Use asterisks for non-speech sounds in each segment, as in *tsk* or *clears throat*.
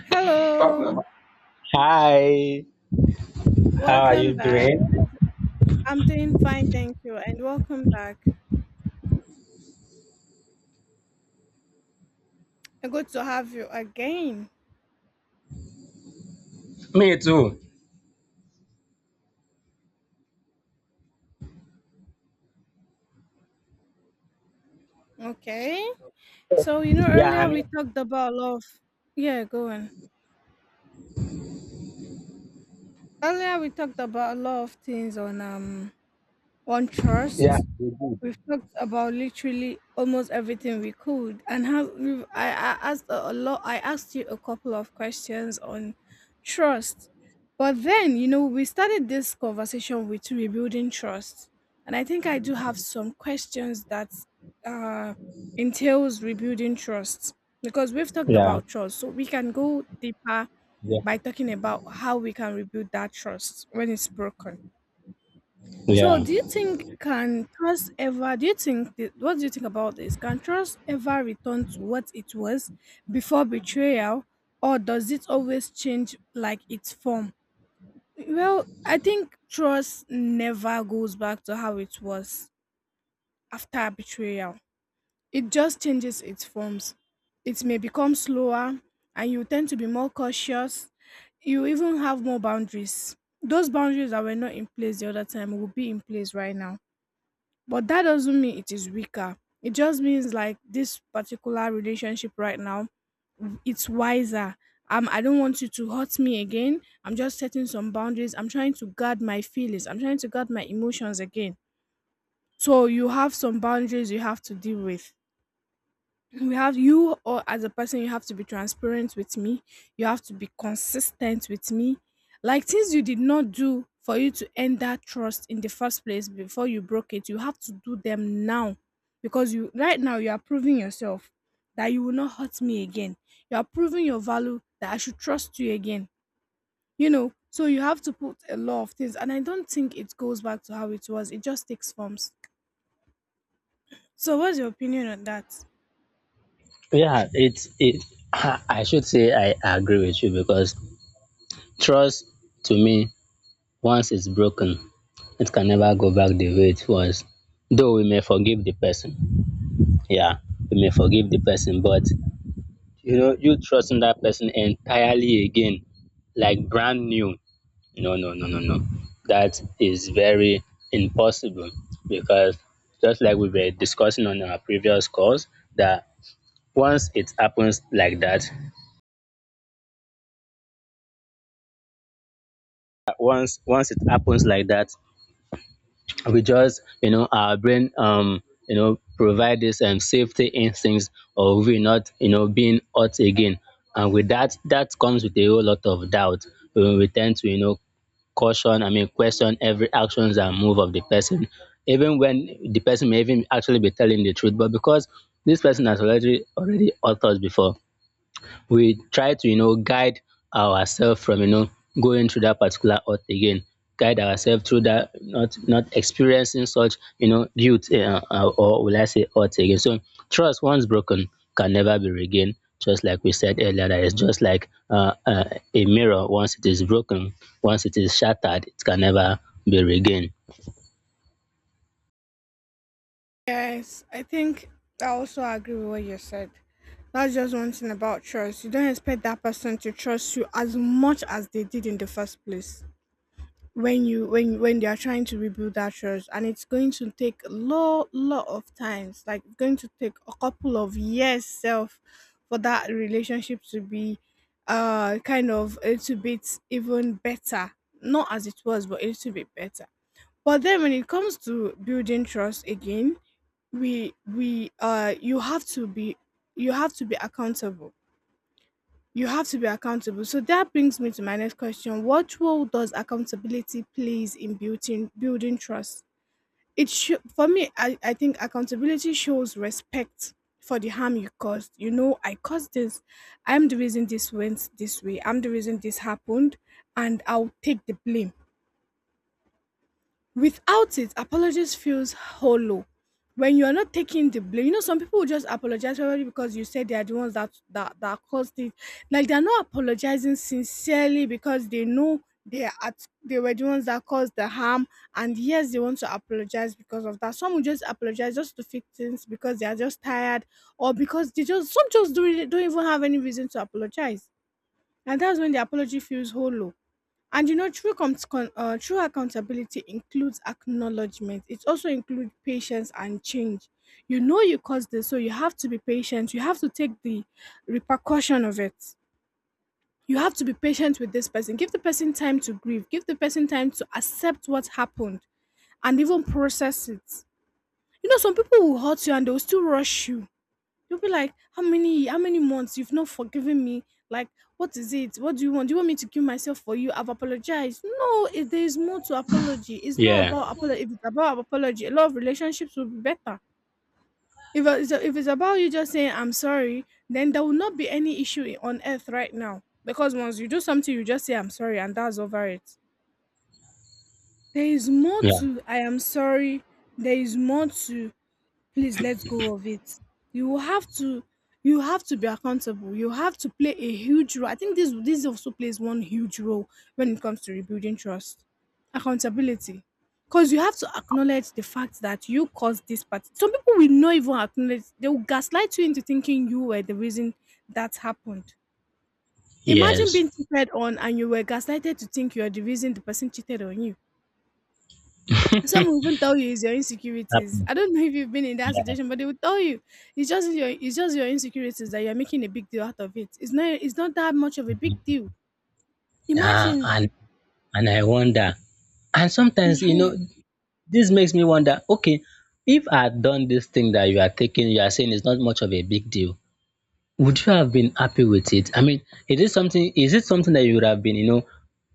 Hello, Papa, hi, how are you welcome back. doing? I'm doing fine, thank you, and welcome back. Good to have you again. Me too. Okay, so you know, Yeah, i earlier mean, we talked about a lot of yeah, go on. Earlier we talked about a lot of things on Yeah, trust. you do. We've talked about literally almost everything we could, and have we've, I asked a lot. I asked you a couple of questions on trust, but then you know we started this conversation with rebuilding trust, and I think I do have some questions that uh, entails rebuilding trust because we've talked Yeah, about trust, so we can go deeper yeah, by talking about how we can rebuild that trust when it's broken. So, yeah, do you think can trust ever? Do you think what do you think about this? Can trust ever return to what it was before betrayal, or does it always change like its form? Well, I think trust never goes back to how it was after betrayal. It just changes its forms. It may become slower, and you tend to be more cautious. You even have more boundaries. Those boundaries that were not in place the other time will be in place right now, but that doesn't mean it is weaker. It just means like this particular relationship right now, it's wiser. I don't want you to hurt me again. I'm just setting some boundaries. I'm trying to guard my feelings. I'm trying to guard my emotions again. So you have some boundaries you have to deal with. We have you, or as a person, you have to be transparent with me. You have to be consistent with me, like things you did not do for you to end that trust in the first place. Before you broke it, you have to do them now because you right now, you are proving yourself that you will not hurt me again. You are proving your value that I should trust you again. You know, so you have to put a lot of things, and I don't think it goes back to how it was. It just takes forms. So what's your opinion on that? yeah. It's it. I should say I agree with you because trust, to me, once it's broken, it can never go back the way it was. Though we may forgive the person, yeah, we may forgive the person, but you know, you trusting that person entirely again, like brand new, no, no, no, no, no, that is very impossible, because just like we were discussing on our previous calls, that once it happens like that, once it happens like that, we just, you know, our brain, you know, provide this safety instincts of we not, you know, being hurt again. And with that, comes with a whole lot of doubt. We tend to, you know, caution I mean question every actions and move of the person, even when the person may even actually be telling the truth. But because this person has already hurt us before, we try to, you know, guide ourselves from, you know, going through that particular hurt again, guide ourselves through that, not experiencing such, you know, guilt or will I say hurt again. So trust, once broken, can never be regained, just like we said earlier, that it's just like a mirror. Once it is broken, once it is shattered, it can never be regained. Yes, I think I also agree with what you said. That's just one thing about trust. You don't expect that person to trust you as much as they did in the first place. When when they are trying to rebuild that trust, and it's going to take a lot of times, like it's going to take a couple of years self for that relationship to be kind of a little bit even better. Not as it was, but a little bit better. But then when it comes to building trust again, we you have to be, you have to be accountable. You have to be accountable. So that brings me to my next question. What role does accountability plays in building trust? It should. For me, I think accountability shows respect for the harm you caused. You know, I caused this. I'm the reason this went this way. I'm the reason this happened, and I'll take the blame. Without it, apologies feels hollow. When you are not taking the blame, you know some people will just apologize probably because you said they are the ones that that caused it. Like they are not apologizing sincerely because they know they were the ones that caused the harm, and yes, they want to apologize because of that. Some will just apologize just to fix things because they are just tired, or because they just, some just don't even have any reason to apologize, and that's when the apology feels hollow. And you know, true accountability includes acknowledgement. It also includes patience and change. You know you caused this, so you have to be patient. You have to take the repercussion of it. You have to be patient with this person. Give the person time to grieve. Give the person time to accept what happened and even process it. You know, some people will hurt you and they will still rush you. You'll be like, how many months you've not forgiven me? Like, what is it? What do you want? Do you want me to kill myself for you? I've apologized. No, if there is more to apology. It's not Yeah, about apology. If it's about apology, a lot of relationships will be better. If it's about you just saying I'm sorry, then there will not be any issue on earth right now. Because once you do something, you just say I'm sorry, and that's over it. There is more yeah, to I am sorry. There is more to, please let go of it. You have to, you have to be accountable. You have to play a huge role. I think this also plays one huge role when it comes to rebuilding trust, accountability, because you have to acknowledge the fact that you caused this part. Some people will not even acknowledge. They will gaslight you into thinking you were the reason that happened. Imagine yes. being cheated on and you were gaslighted to think you're the reason the person cheated on you. Some will even tell you it's your insecurities. Happen. I don't know if you've been in that Yeah. situation, but they will tell you it's just your insecurities, that you're making a big deal out of it. It's not, it's not that much of a big deal. uh, Imagine. and and I wonder, and sometimes, you know, *laughs* this makes me wonder, okay, if I had done this thing that you are taking, you are saying it's not much of a big deal, would you have been happy with it? I mean, is it something that you would have been,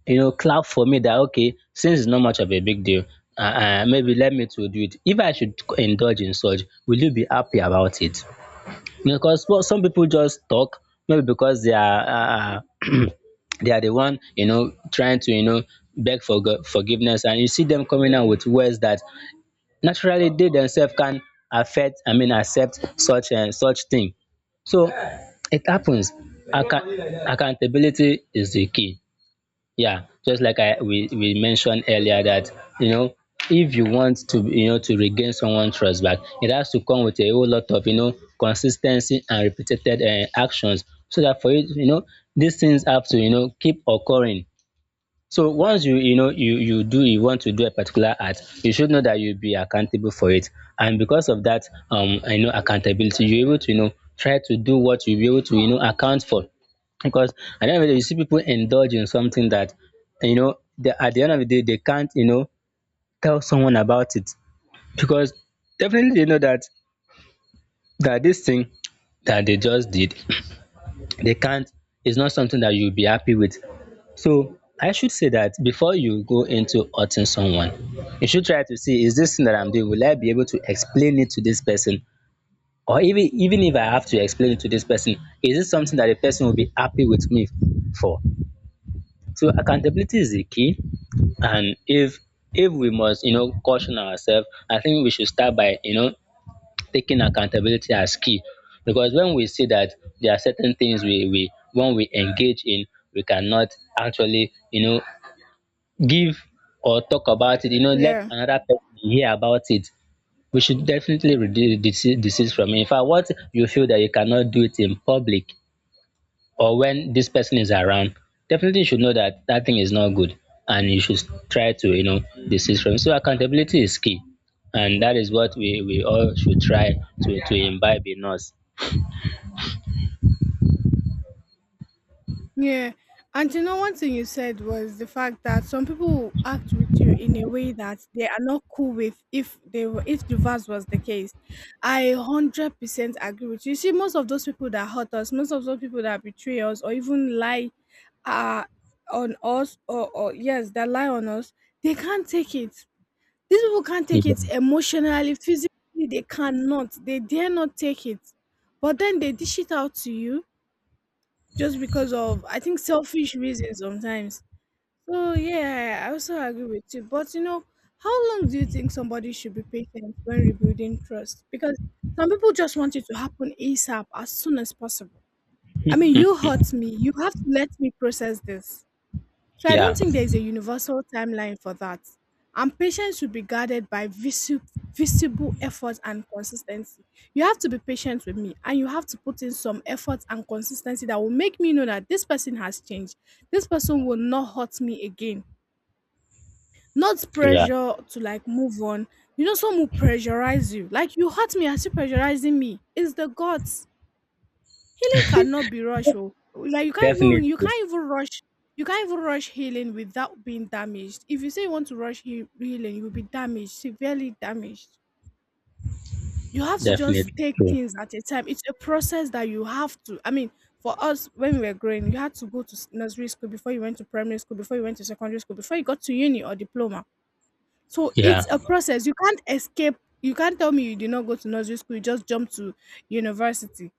you know, clap for me, that okay, since it's not much of a big deal, maybe let me to do it. If I should indulge in such, will you be happy about it? You know, because, well, some people just talk, maybe because they are, *clears throat* they are the one, you know, trying to, you know, beg for forgiveness, and you see them coming out with words that naturally they themselves can affect I mean accept such and such thing. So it happens. Accountability is the key. Yeah, just like I we mentioned earlier, that, you know, if you want to, you know, to regain someone's trust back, it has to come with a whole lot of, you know, consistency and repeated actions. So that, for it, you know, these things have to, you know, keep occurring. So once you want to do a particular art, you should know that you'll be accountable for it. And because of that, I know accountability, you're able to, you know, try to do what you'll be able to, you know, account for. Because at the end of the day, you see people indulge in something that, you know, they, at the end of the day, they can't, you know, tell someone about it. Because definitely they know that, that this thing that they just did, *clears throat* they can't, it's not something that you'll be happy with. So I should say that before you go into hurting someone, you should try to see, is this thing that I'm doing, will I be able to explain it to this person? Or even if I have to explain it to this person, is it something that the person will be happy with me for? So accountability is the key. And if we must, you know, caution ourselves, I think we should start by, you know, taking accountability as key. Because when we see that there are certain things we when we engage in, we cannot actually, you know, give or talk about it, you know, let Yeah. Yeah. another person hear about it. We should definitely reduce disease, disease from it. In fact, what you feel that you cannot do it in public or when this person is around, definitely you should know that that thing is not good, and you should try to, you know, desist from it. So accountability is key. And that is what we all should try to imbibe in us. Yeah. And you know, one thing you said was the fact that some people will act with you in a way that they are not cool with if they were, if the verse was the case. I 100% agree with you. You see, most of those people that hurt us, most of those people that betray us or even lie uh on us, or yes, that lie on us, they can't take it. These people can't take it Mhm. emotionally, physically, they cannot, they dare not take it. But then they dish it out to you just because of, I think, selfish reasons sometimes. So yeah, I also agree with you. But you know, how long do you think somebody should be patient when rebuilding trust? Because some people just want it to happen ASAP, as soon as possible. I mean, you hurt me. You have to let me process this. So I don't Yeah, think there's a universal timeline for that. And patience should be guarded by visible effort and consistency. You have to be patient with me and you have to put in some effort and consistency that will make me know that this person has changed. This person will not hurt me again. Not yeah, pressure to like move on. You know, some will pressurize you. Like you hurt me as you pressurizing me. It's the gods. Healing cannot be rushed. Oh. Like you can't even you definitely, can't even rush, you can't even rush healing without being damaged. If you say you want to rush healing, you will be damaged, severely damaged. You have to just definitely take true. things at a time. It's a process that you have to. I mean, for us when we were growing, you had to go to nursery school before you went to primary school, before you went to secondary school, before you got to uni or diploma. So Yeah, it's a process. You can't escape. You can't tell me you did not go to nursery school. You just jump to university.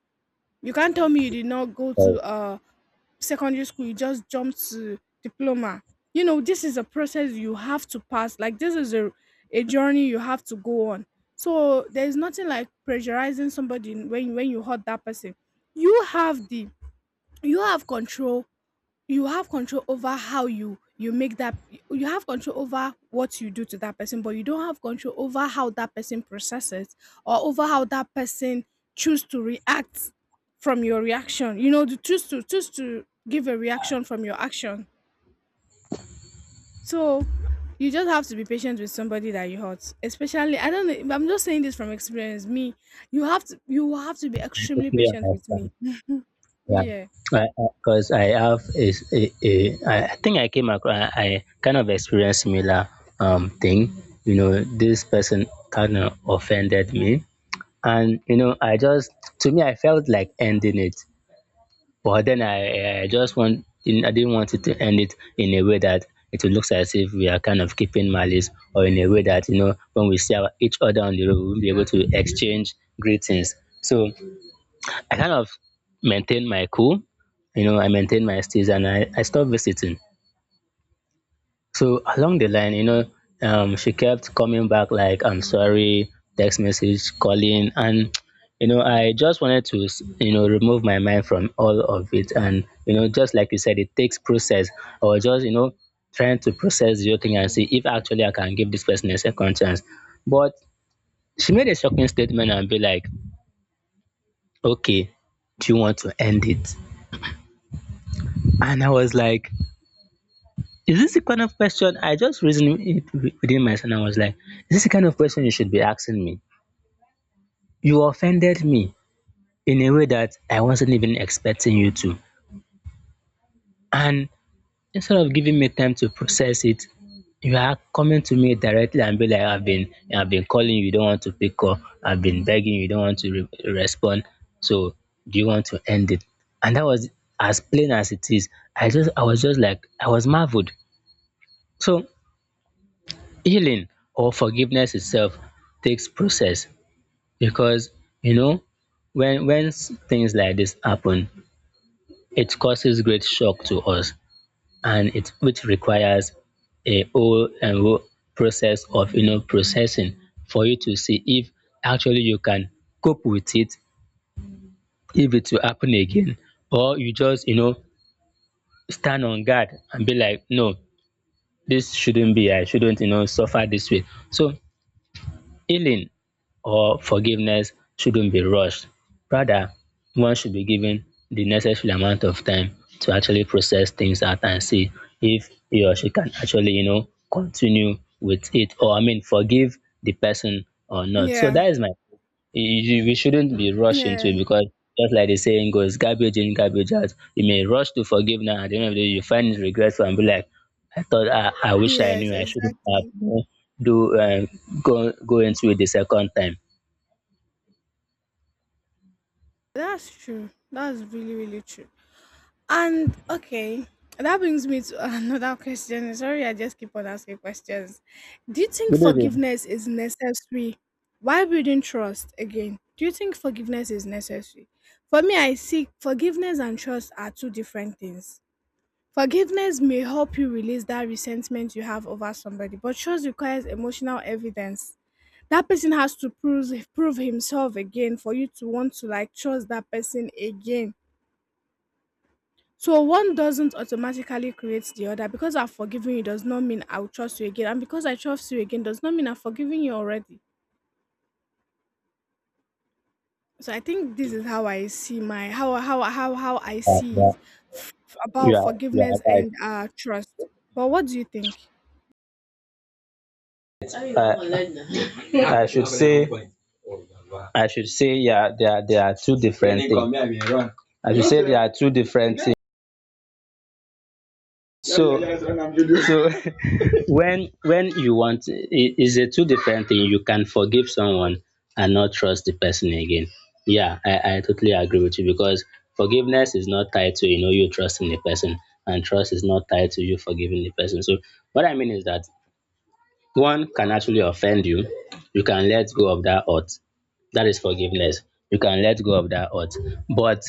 You can't tell me you did not go I to secondary school, you just jump to diploma. You know, this is a process you have to pass. Like this is a journey you have to go on. So there's nothing like pressurizing somebody when you hurt that person. You have the, you have control, you have control over how you make that, you have control over what you do to that person, but you don't have control over how that person processes, or over how that person choose to react from your reaction. You know, to choose to give a reaction from your action. So you just have to be patient with somebody that you hurt, especially, I don't know, I'm just saying this from experience. Me, you have to be extremely totally patient with me. understand. Yeah, Yeah. because I 'cause I have is think I came across, I kind of experienced similar thing. You know, this person kind of offended me, and, you know, I just, to me, I felt like ending it, but then I didn't want it to end it in a way that it looks as if we are kind of keeping malice, or in a way that, you know, when we see our, each other on the road, we won't be able to exchange greetings. So I kind of maintained my cool. You know, I maintained my stage, and I stopped visiting. So along the line, you know, she kept coming back like, I'm sorry, text message, calling. And, *tsk* you know, I just wanted to, you know, remove my mind from all of it. And, you know, just like you said, it takes process, or just, you know, trying to process the thing and see if actually I can give this person a second chance. But she made a shocking statement and be like, okay, do you want to end it? And I was like, is this the kind of question, I just reasoned it within myself, and I was like, is this the kind of question you should be asking me? You offended me in a way that I wasn't even expecting you to. And instead of giving me time to process it, you are coming to me directly and be like, I've been calling you, you don't want to pick up, I've been begging you, you don't want to respond. So do you want to end it? And that was as plain as it is. I was just like, I was marveled. So healing or forgiveness itself takes process, because, you know, when things like this happen, it causes great shock to us, and it which requires a whole and whole process of, you know, processing, for you to see if actually you can cope with it, if it will happen again, or you just, you know, stand on guard and be like, no, this shouldn't be, I shouldn't, you know, suffer this way. So healing or forgiveness shouldn't be rushed. Rather, one should be given the necessary amount of time to actually process things out and see if he or she can actually, you know, continue with it, or, I mean, forgive the person or not. So Yeah. that is my, you, we shouldn't be rushed into Yeah. it, because just like the saying goes, garbage in, garbage out. You may rush to forgiveness, at the end of the day, you find it regretful and be like, I thought I wish I Yes, knew I shouldn't have, exactly. you know, do go go into it the second time. That's true. That's really, really true. And okay, that brings me to *laughs* another question. Sorry, I just keep on asking questions. Do you think Good evening. forgiveness is necessary? Why building trust again? Do you think forgiveness is necessary? For me, I see forgiveness and trust are two different things. Forgiveness may help you release that resentment you have over somebody, but trust requires emotional evidence. That person has to prove himself again for you to want to like trust that person again. So one doesn't automatically create the other, because I've forgiven you does not mean I'll trust you again, and because I trust you again does not mean I've forgiven you already. So I think this is how I see my, how I see it. f- about forgiveness and trust. But what do you think? I should say, I should say, yeah, there are two different things. I should say there are two different. So so *laughs* when you want, it is a two different thing. You can forgive someone and not trust the person again. Yeah, I totally agree with you, because forgiveness is not tied to, you know, you trusting the person, and trust is not tied to you forgiving the person. So what I mean is that one can actually offend you, you can let go of that hurt. That is forgiveness. You can let go of that hurt. But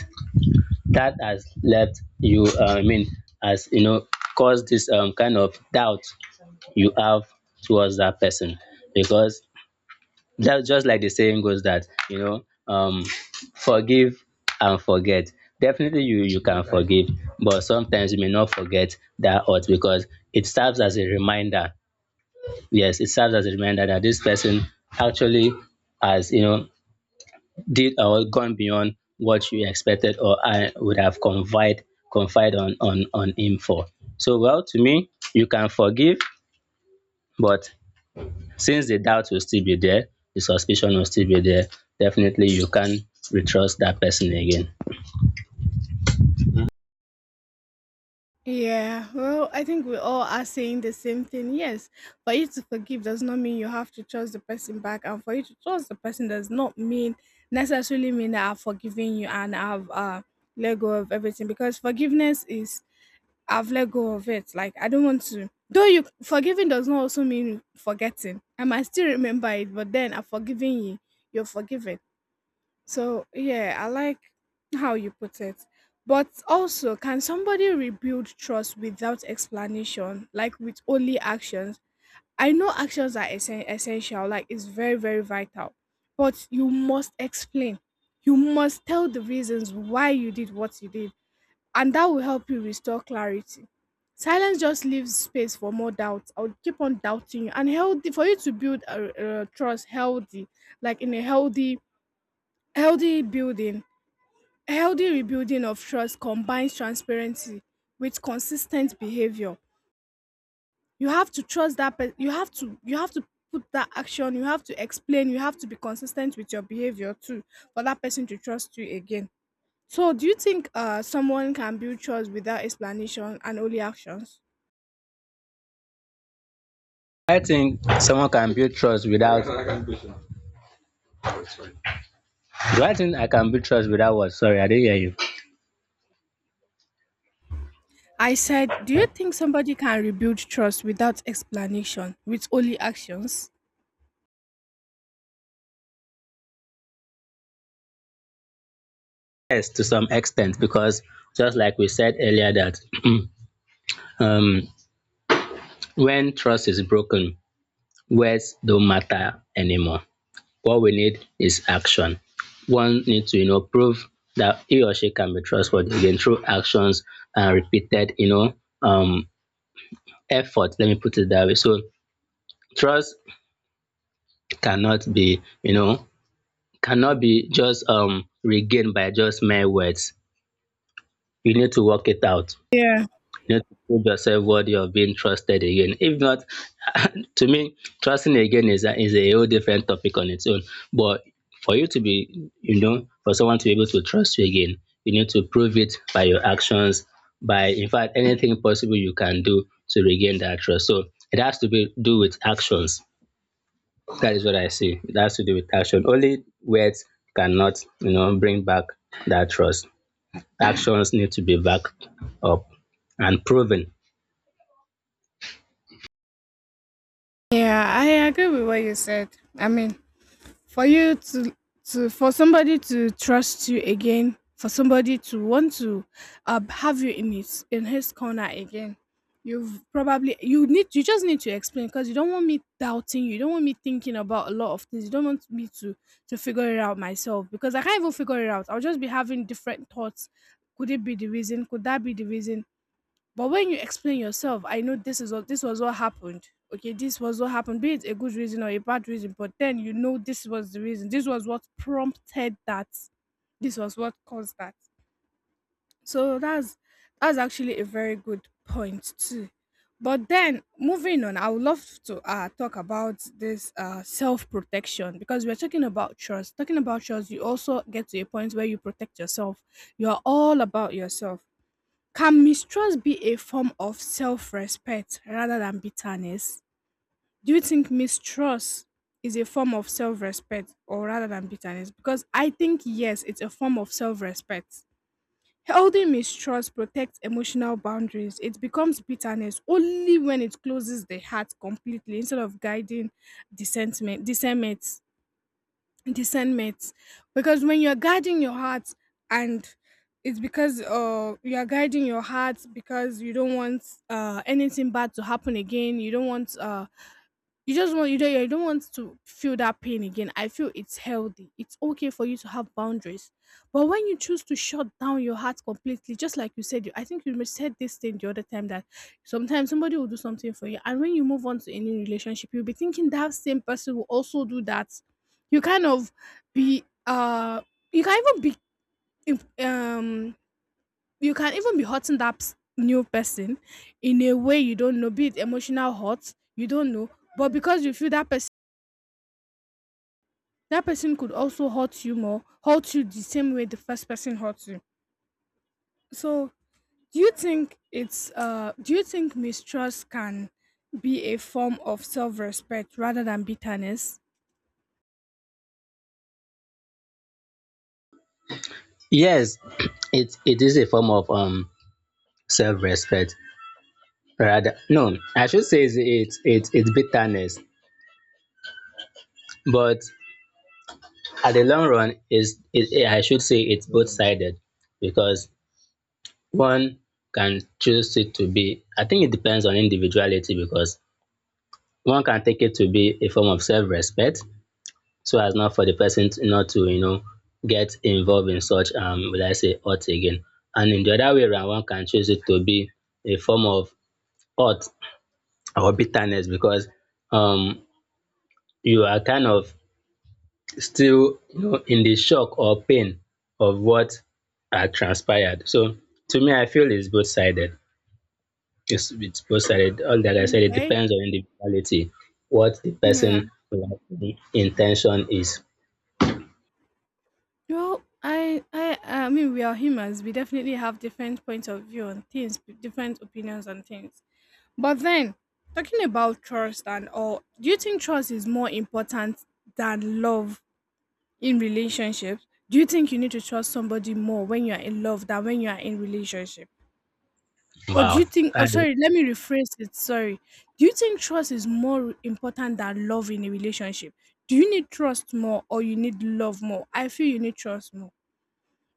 that has left you has, you know, caused this kind of doubt you have towards that person. Because that's just like the saying goes, that, you know, forgive and forget. Definitely you, you can forgive, but sometimes you may not forget that hurt, because it serves as a reminder. Yes, it serves as a reminder that this person actually has, you know, did or gone beyond what you expected, or I would have confide on on him for. So, well, to me, you can forgive, but since the doubt will still be there, the suspicion will still be there, definitely you can't retrust that person again. Yeah, well, I think we all are saying the same thing. Yes, for you to forgive does not mean you have to trust the person back, and for you to trust the person does not mean necessarily mean that I've forgiven you and I've let go of everything, because forgiveness is I've let go of it. Like I don't want to. Though you forgiving does not also mean forgetting. I might still remember it, but then I've forgiven you. You're forgiven. So yeah, I like how you put it. But also, can somebody rebuild trust without explanation, like with only actions? I know actions are essential, like it's very, very vital. But you must explain. You must tell the reasons why you did what you did, and that will help you restore clarity. Silence just leaves space for more doubts. I'll keep on doubting you, and healthy for you to build a trust healthy, like in a healthy building a healthy rebuilding of trust combines transparency with consistent behavior. You have to trust that person. You have to put that action. You have to explain. You have to be consistent with your behavior too, for that person to trust you again. So, do you think someone can build trust without explanation and only actions? I think someone can build trust without, do I think I can build trust without what? Sorry, I didn't hear you. I said, do you think somebody can rebuild trust without explanation with only actions? Yes, to some extent, because just like we said earlier, that *clears throat* um, when trust is broken, words don't matter anymore. What we need is action. One needs to, prove that he or she can be trustworthy again through actions and repeated, um, effort. Let me put it that way. So trust cannot be, you know, cannot be just regained by just mere words. You need to work it out. Yeah. You need to prove yourself worthy of being trusted again. If not, *laughs* to me, trusting again is a whole different topic on its own. But for you to be, you know, for someone to be able to trust you again, you need to prove it by your actions, in fact, anything possible you can do to regain that trust. So it has to be do with actions. That is what I see. It has to do with action. Only words cannot bring back that trust. Actions need to be backed up and proven. Yeah, I agree with what you said. I mean, for you to for somebody to trust you again, for somebody to want to have you in his corner again. You just need to explain, because you don't want me doubting you. You don't want me thinking about a lot of things. You don't want me to figure it out myself, because I can't even figure it out. I'll just be having different thoughts. Could it be the reason? Could that be the reason? But when you explain yourself, I know this was what happened. Okay, this was what happened. Be it a good reason or a bad reason, but then you know this was the reason. This was what prompted that. This was what caused that. So that's actually a very good point too. But then moving on, I would love to talk about this self protection, because we're talking about trust. Talking about trust, you also get to a point where you protect yourself. You are all about yourself. Can mistrust be a form of self respect rather than bitterness? Do you think mistrust is a form of self respect or rather than bitterness? Because I think, yes, it's a form of self respect. Holding mistrust protects emotional boundaries. It becomes bitterness only when it closes the heart completely instead of guiding dissentment. Dissentment. Discernment. Because when you're guarding your heart, and it's because you are guiding your heart because you don't want anything bad to happen again. You don't want you just want, you don't want to feel that pain again. I feel it's healthy, it's okay for you to have boundaries. But when you choose to shut down your heart completely, just like you said, you I think you mis- said this thing the other time, that sometimes somebody will do something for you, and when you move on to a new relationship, you'll be thinking that same person will also do that. You kind of be you can even be if, you can even be hurting that new person in a way you don't know, be it emotional hurt you don't know, but because you feel that person could also hurt you more, hurt you the same way the first person hurt you. So, do you think mistrust can be a form of self-respect rather than bitterness? Yes, *clears throat* it is a form of self-respect. Rather, no, I should say it's bitterness, but at the long run, I should say it's both sided because one can choose it to be. I think it depends on individuality because one can take it to be a form of self-respect, so as not for not to get involved in such will I say hurt again, and in the other way around, one can choose it to be a form of hurt or bitterness because um you are kind of still in the shock or pain of what had transpired. So to me, I feel it's both sided. It's both sided. All that I said, it Okay. depends on individuality, what the Yeah. person like, intention is. Well, I mean we are humans. We definitely have different points of view on things, different opinions on things. But then, talking about trust and all, do you think trust is more important than love? In relationships, do you think you need to trust somebody more when you are in love than when you are in relationship? Or do Wow, you think, I oh sorry, let me rephrase it, sorry. Do you think trust is more important than love in a relationship? Do you need trust more or you need love more? I feel you need trust more.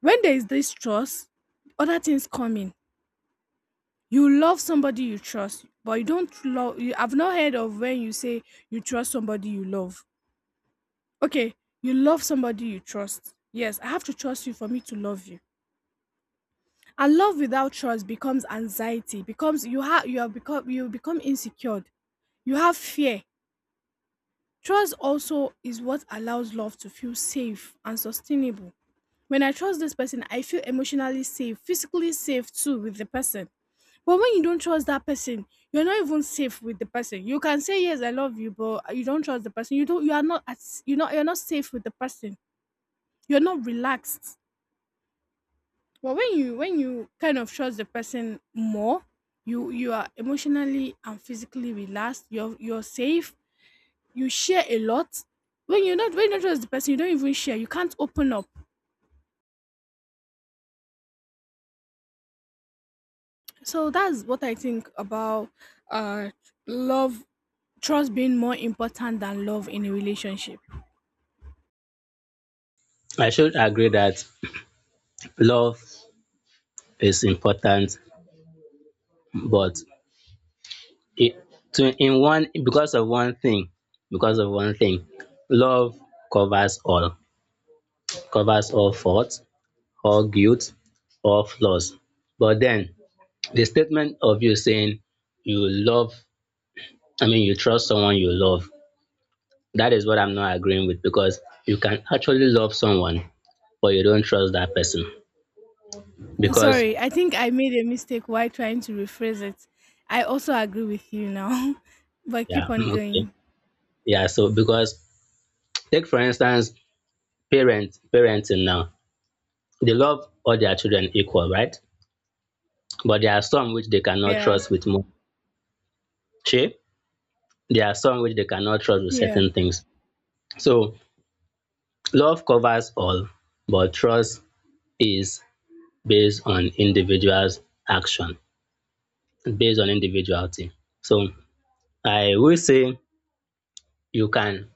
When there is this trust, other things come in. You love somebody you trust, but you don't love, you I've not heard of when you say you trust somebody you love. Okay, you love somebody you trust. Yes, I have to trust you for me to love you. And love without trust becomes anxiety, becomes you have become you become insecure, you have fear. Trust also is what allows love to feel safe and sustainable. When I trust this person, I feel emotionally safe, physically safe too with the person. But when you don't trust that person, you're not even safe with the person. You can say yes, I love you, but you don't trust the person. You are not at, you know. You're not safe with the person. You're not relaxed. But when you, when you kind of trust the person more, you are emotionally and physically relaxed. You're safe. You share a lot. When you don't trust the person, you don't even share. You can't open up. So that's what I think about uh love, trust being more important than love in a relationship. I should agree that love is important, but it to in one because of one thing, because of one thing, love covers all covers all faults, all guilt, all flaws. But then the statement of you saying you love, I mean, you trust someone you love, that is what I'm not agreeing with because you can actually love someone, but you don't trust that person. Because, Sorry, I think I made a mistake while trying to rephrase it. I also agree with you now. *laughs* But keep yeah, *laughs* *clears throat* on okay. going. Yeah, so because take for instance, parenting now, they love all their children equal, right? But there are some which they cannot Yeah. trust with more. Che? There are some which they cannot trust with Yeah. certain things. So love covers all, but trust is based on individual's action, based on individuality. So I will say you can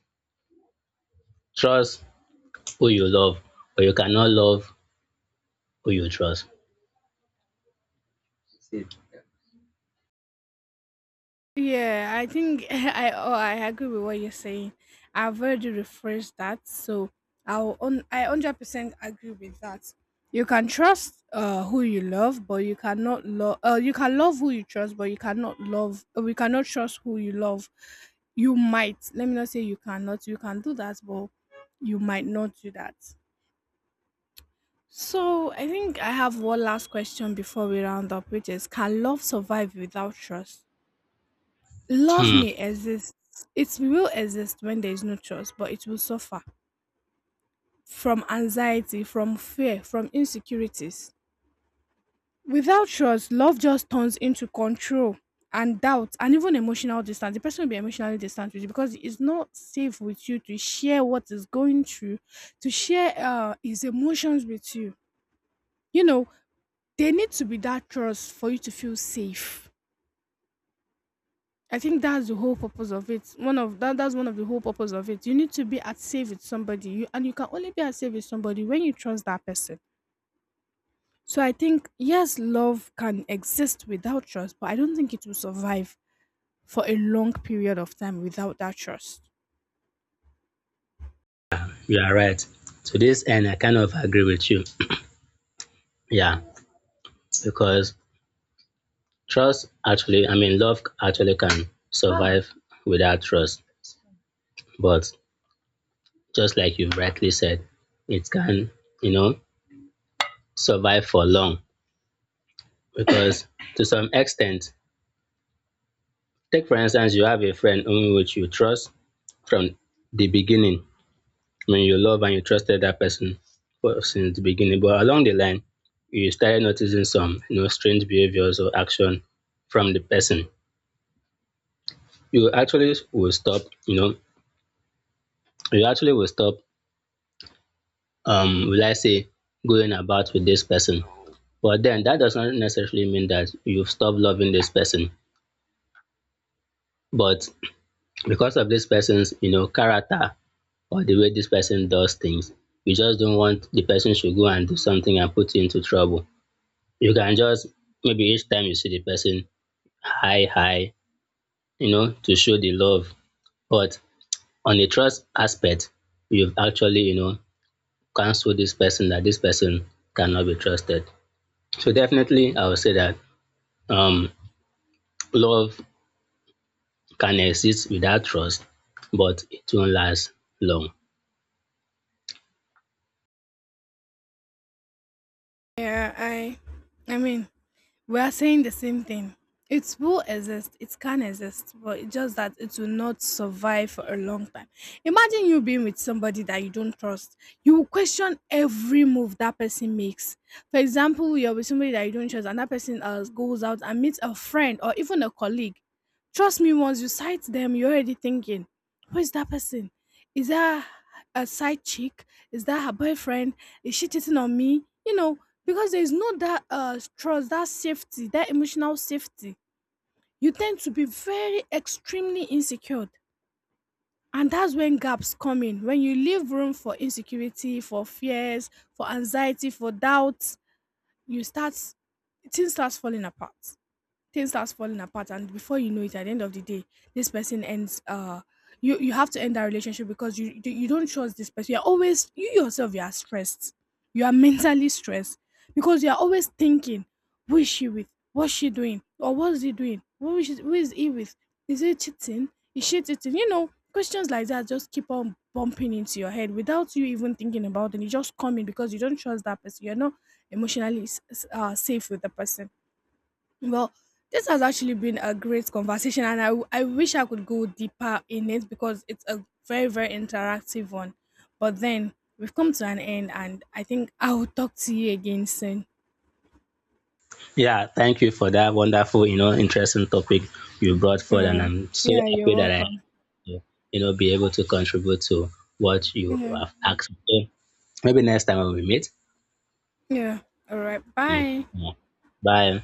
trust who you love, but you cannot love who you trust. See, yeah. Yeah, I think *laughs* I oh, I agree with what you're saying. I've already rephrased that, so I'll on I 100% agree with that. You can trust who you love, but you cannot love. You can love who you trust, but you cannot love. We cannot trust who you love. You might. Let me not say you cannot. You can do that, but you might not do that. So I think I have one last question before we round up, which is: can love survive without trust? Love Hmm, may exist. It will exist when there is no trust, but it will suffer from anxiety, from fear, from insecurities. Without trust, love just turns into control and doubt and even emotional distance. The person will be emotionally distant with you because it's not safe with you to share what is going through, to share his emotions with you. You know, there need to be that trust for you to feel safe. I think that's the whole purpose of it. One of that's one of the whole purpose of it. You need to be at safe with somebody. You and you can only be at safe with somebody when you trust that person. So I think yes, love can exist without trust, but I don't think it will survive for a long period of time without that trust. you are right. To this end, I kind of agree with you. Yeah, because I mean, love actually can survive without trust. But just like you rightly said, it can you know, survive for long. Because to some extent, take for instance, you have a friend whom which you trust from the beginning. I mean, you love and you trusted that person since the beginning. But along the line, you started noticing some strange behaviors or action from the person. You actually will stop, you know, you actually will stop, will I say, going about with this person. But then that does not necessarily mean that you've stopped loving this person. But because of this person's character or the way this person does things. You just don't want the person should go and do something and put you into trouble. You can just maybe each time you see the person, hi, hi, to show the love. But on the trust aspect, you've actually cancelled this person that this person cannot be trusted. So definitely I would say that um love can exist without trust, but it won't last long. Yeah, I mean, we are saying the same thing. It will exist, it can exist, but it's just that it will not survive for a long time. Imagine you being with somebody that you don't trust. You will question every move that person makes. For example, you're with somebody that you don't trust, and that person goes out and meets a friend or even a colleague. Trust me, once you sight them, you're already thinking, who is that person? Is that a side chick? Is that her boyfriend? Is she cheating on me? You know, because there's no that trust, that safety, that emotional safety. You tend to be very extremely insecure. And that's when gaps come in, when you leave room for insecurity, for fears, for anxiety, for doubts. You start Things start falling apart, and before you know it, at the end of the day, this person ends you have to end that relationship. Because you don't trust this person, you're always, you yourself, you are stressed. You are *laughs* mentally stressed, because you are always thinking, who is she with, what's she doing, or what's he doing, who is he with, is he cheating, is she cheating, questions like that just keep on bumping into your head without you even thinking about it. You just come in because you don't trust that person. You're not emotionally safe with the person. Well, this has actually been a great conversation, and I wish I could go deeper in it because it's a very, very interactive one. But then we've come to an end, and I think I will talk to you again soon. Yeah, thank you for that wonderful, interesting topic you brought All forward, and right. I'm so Yeah, you're happy that I, welcome. Be able to contribute to what you Yeah. have asked. So maybe next time when we meet. Yeah. All right. Mm, Bye. yeah. Bye.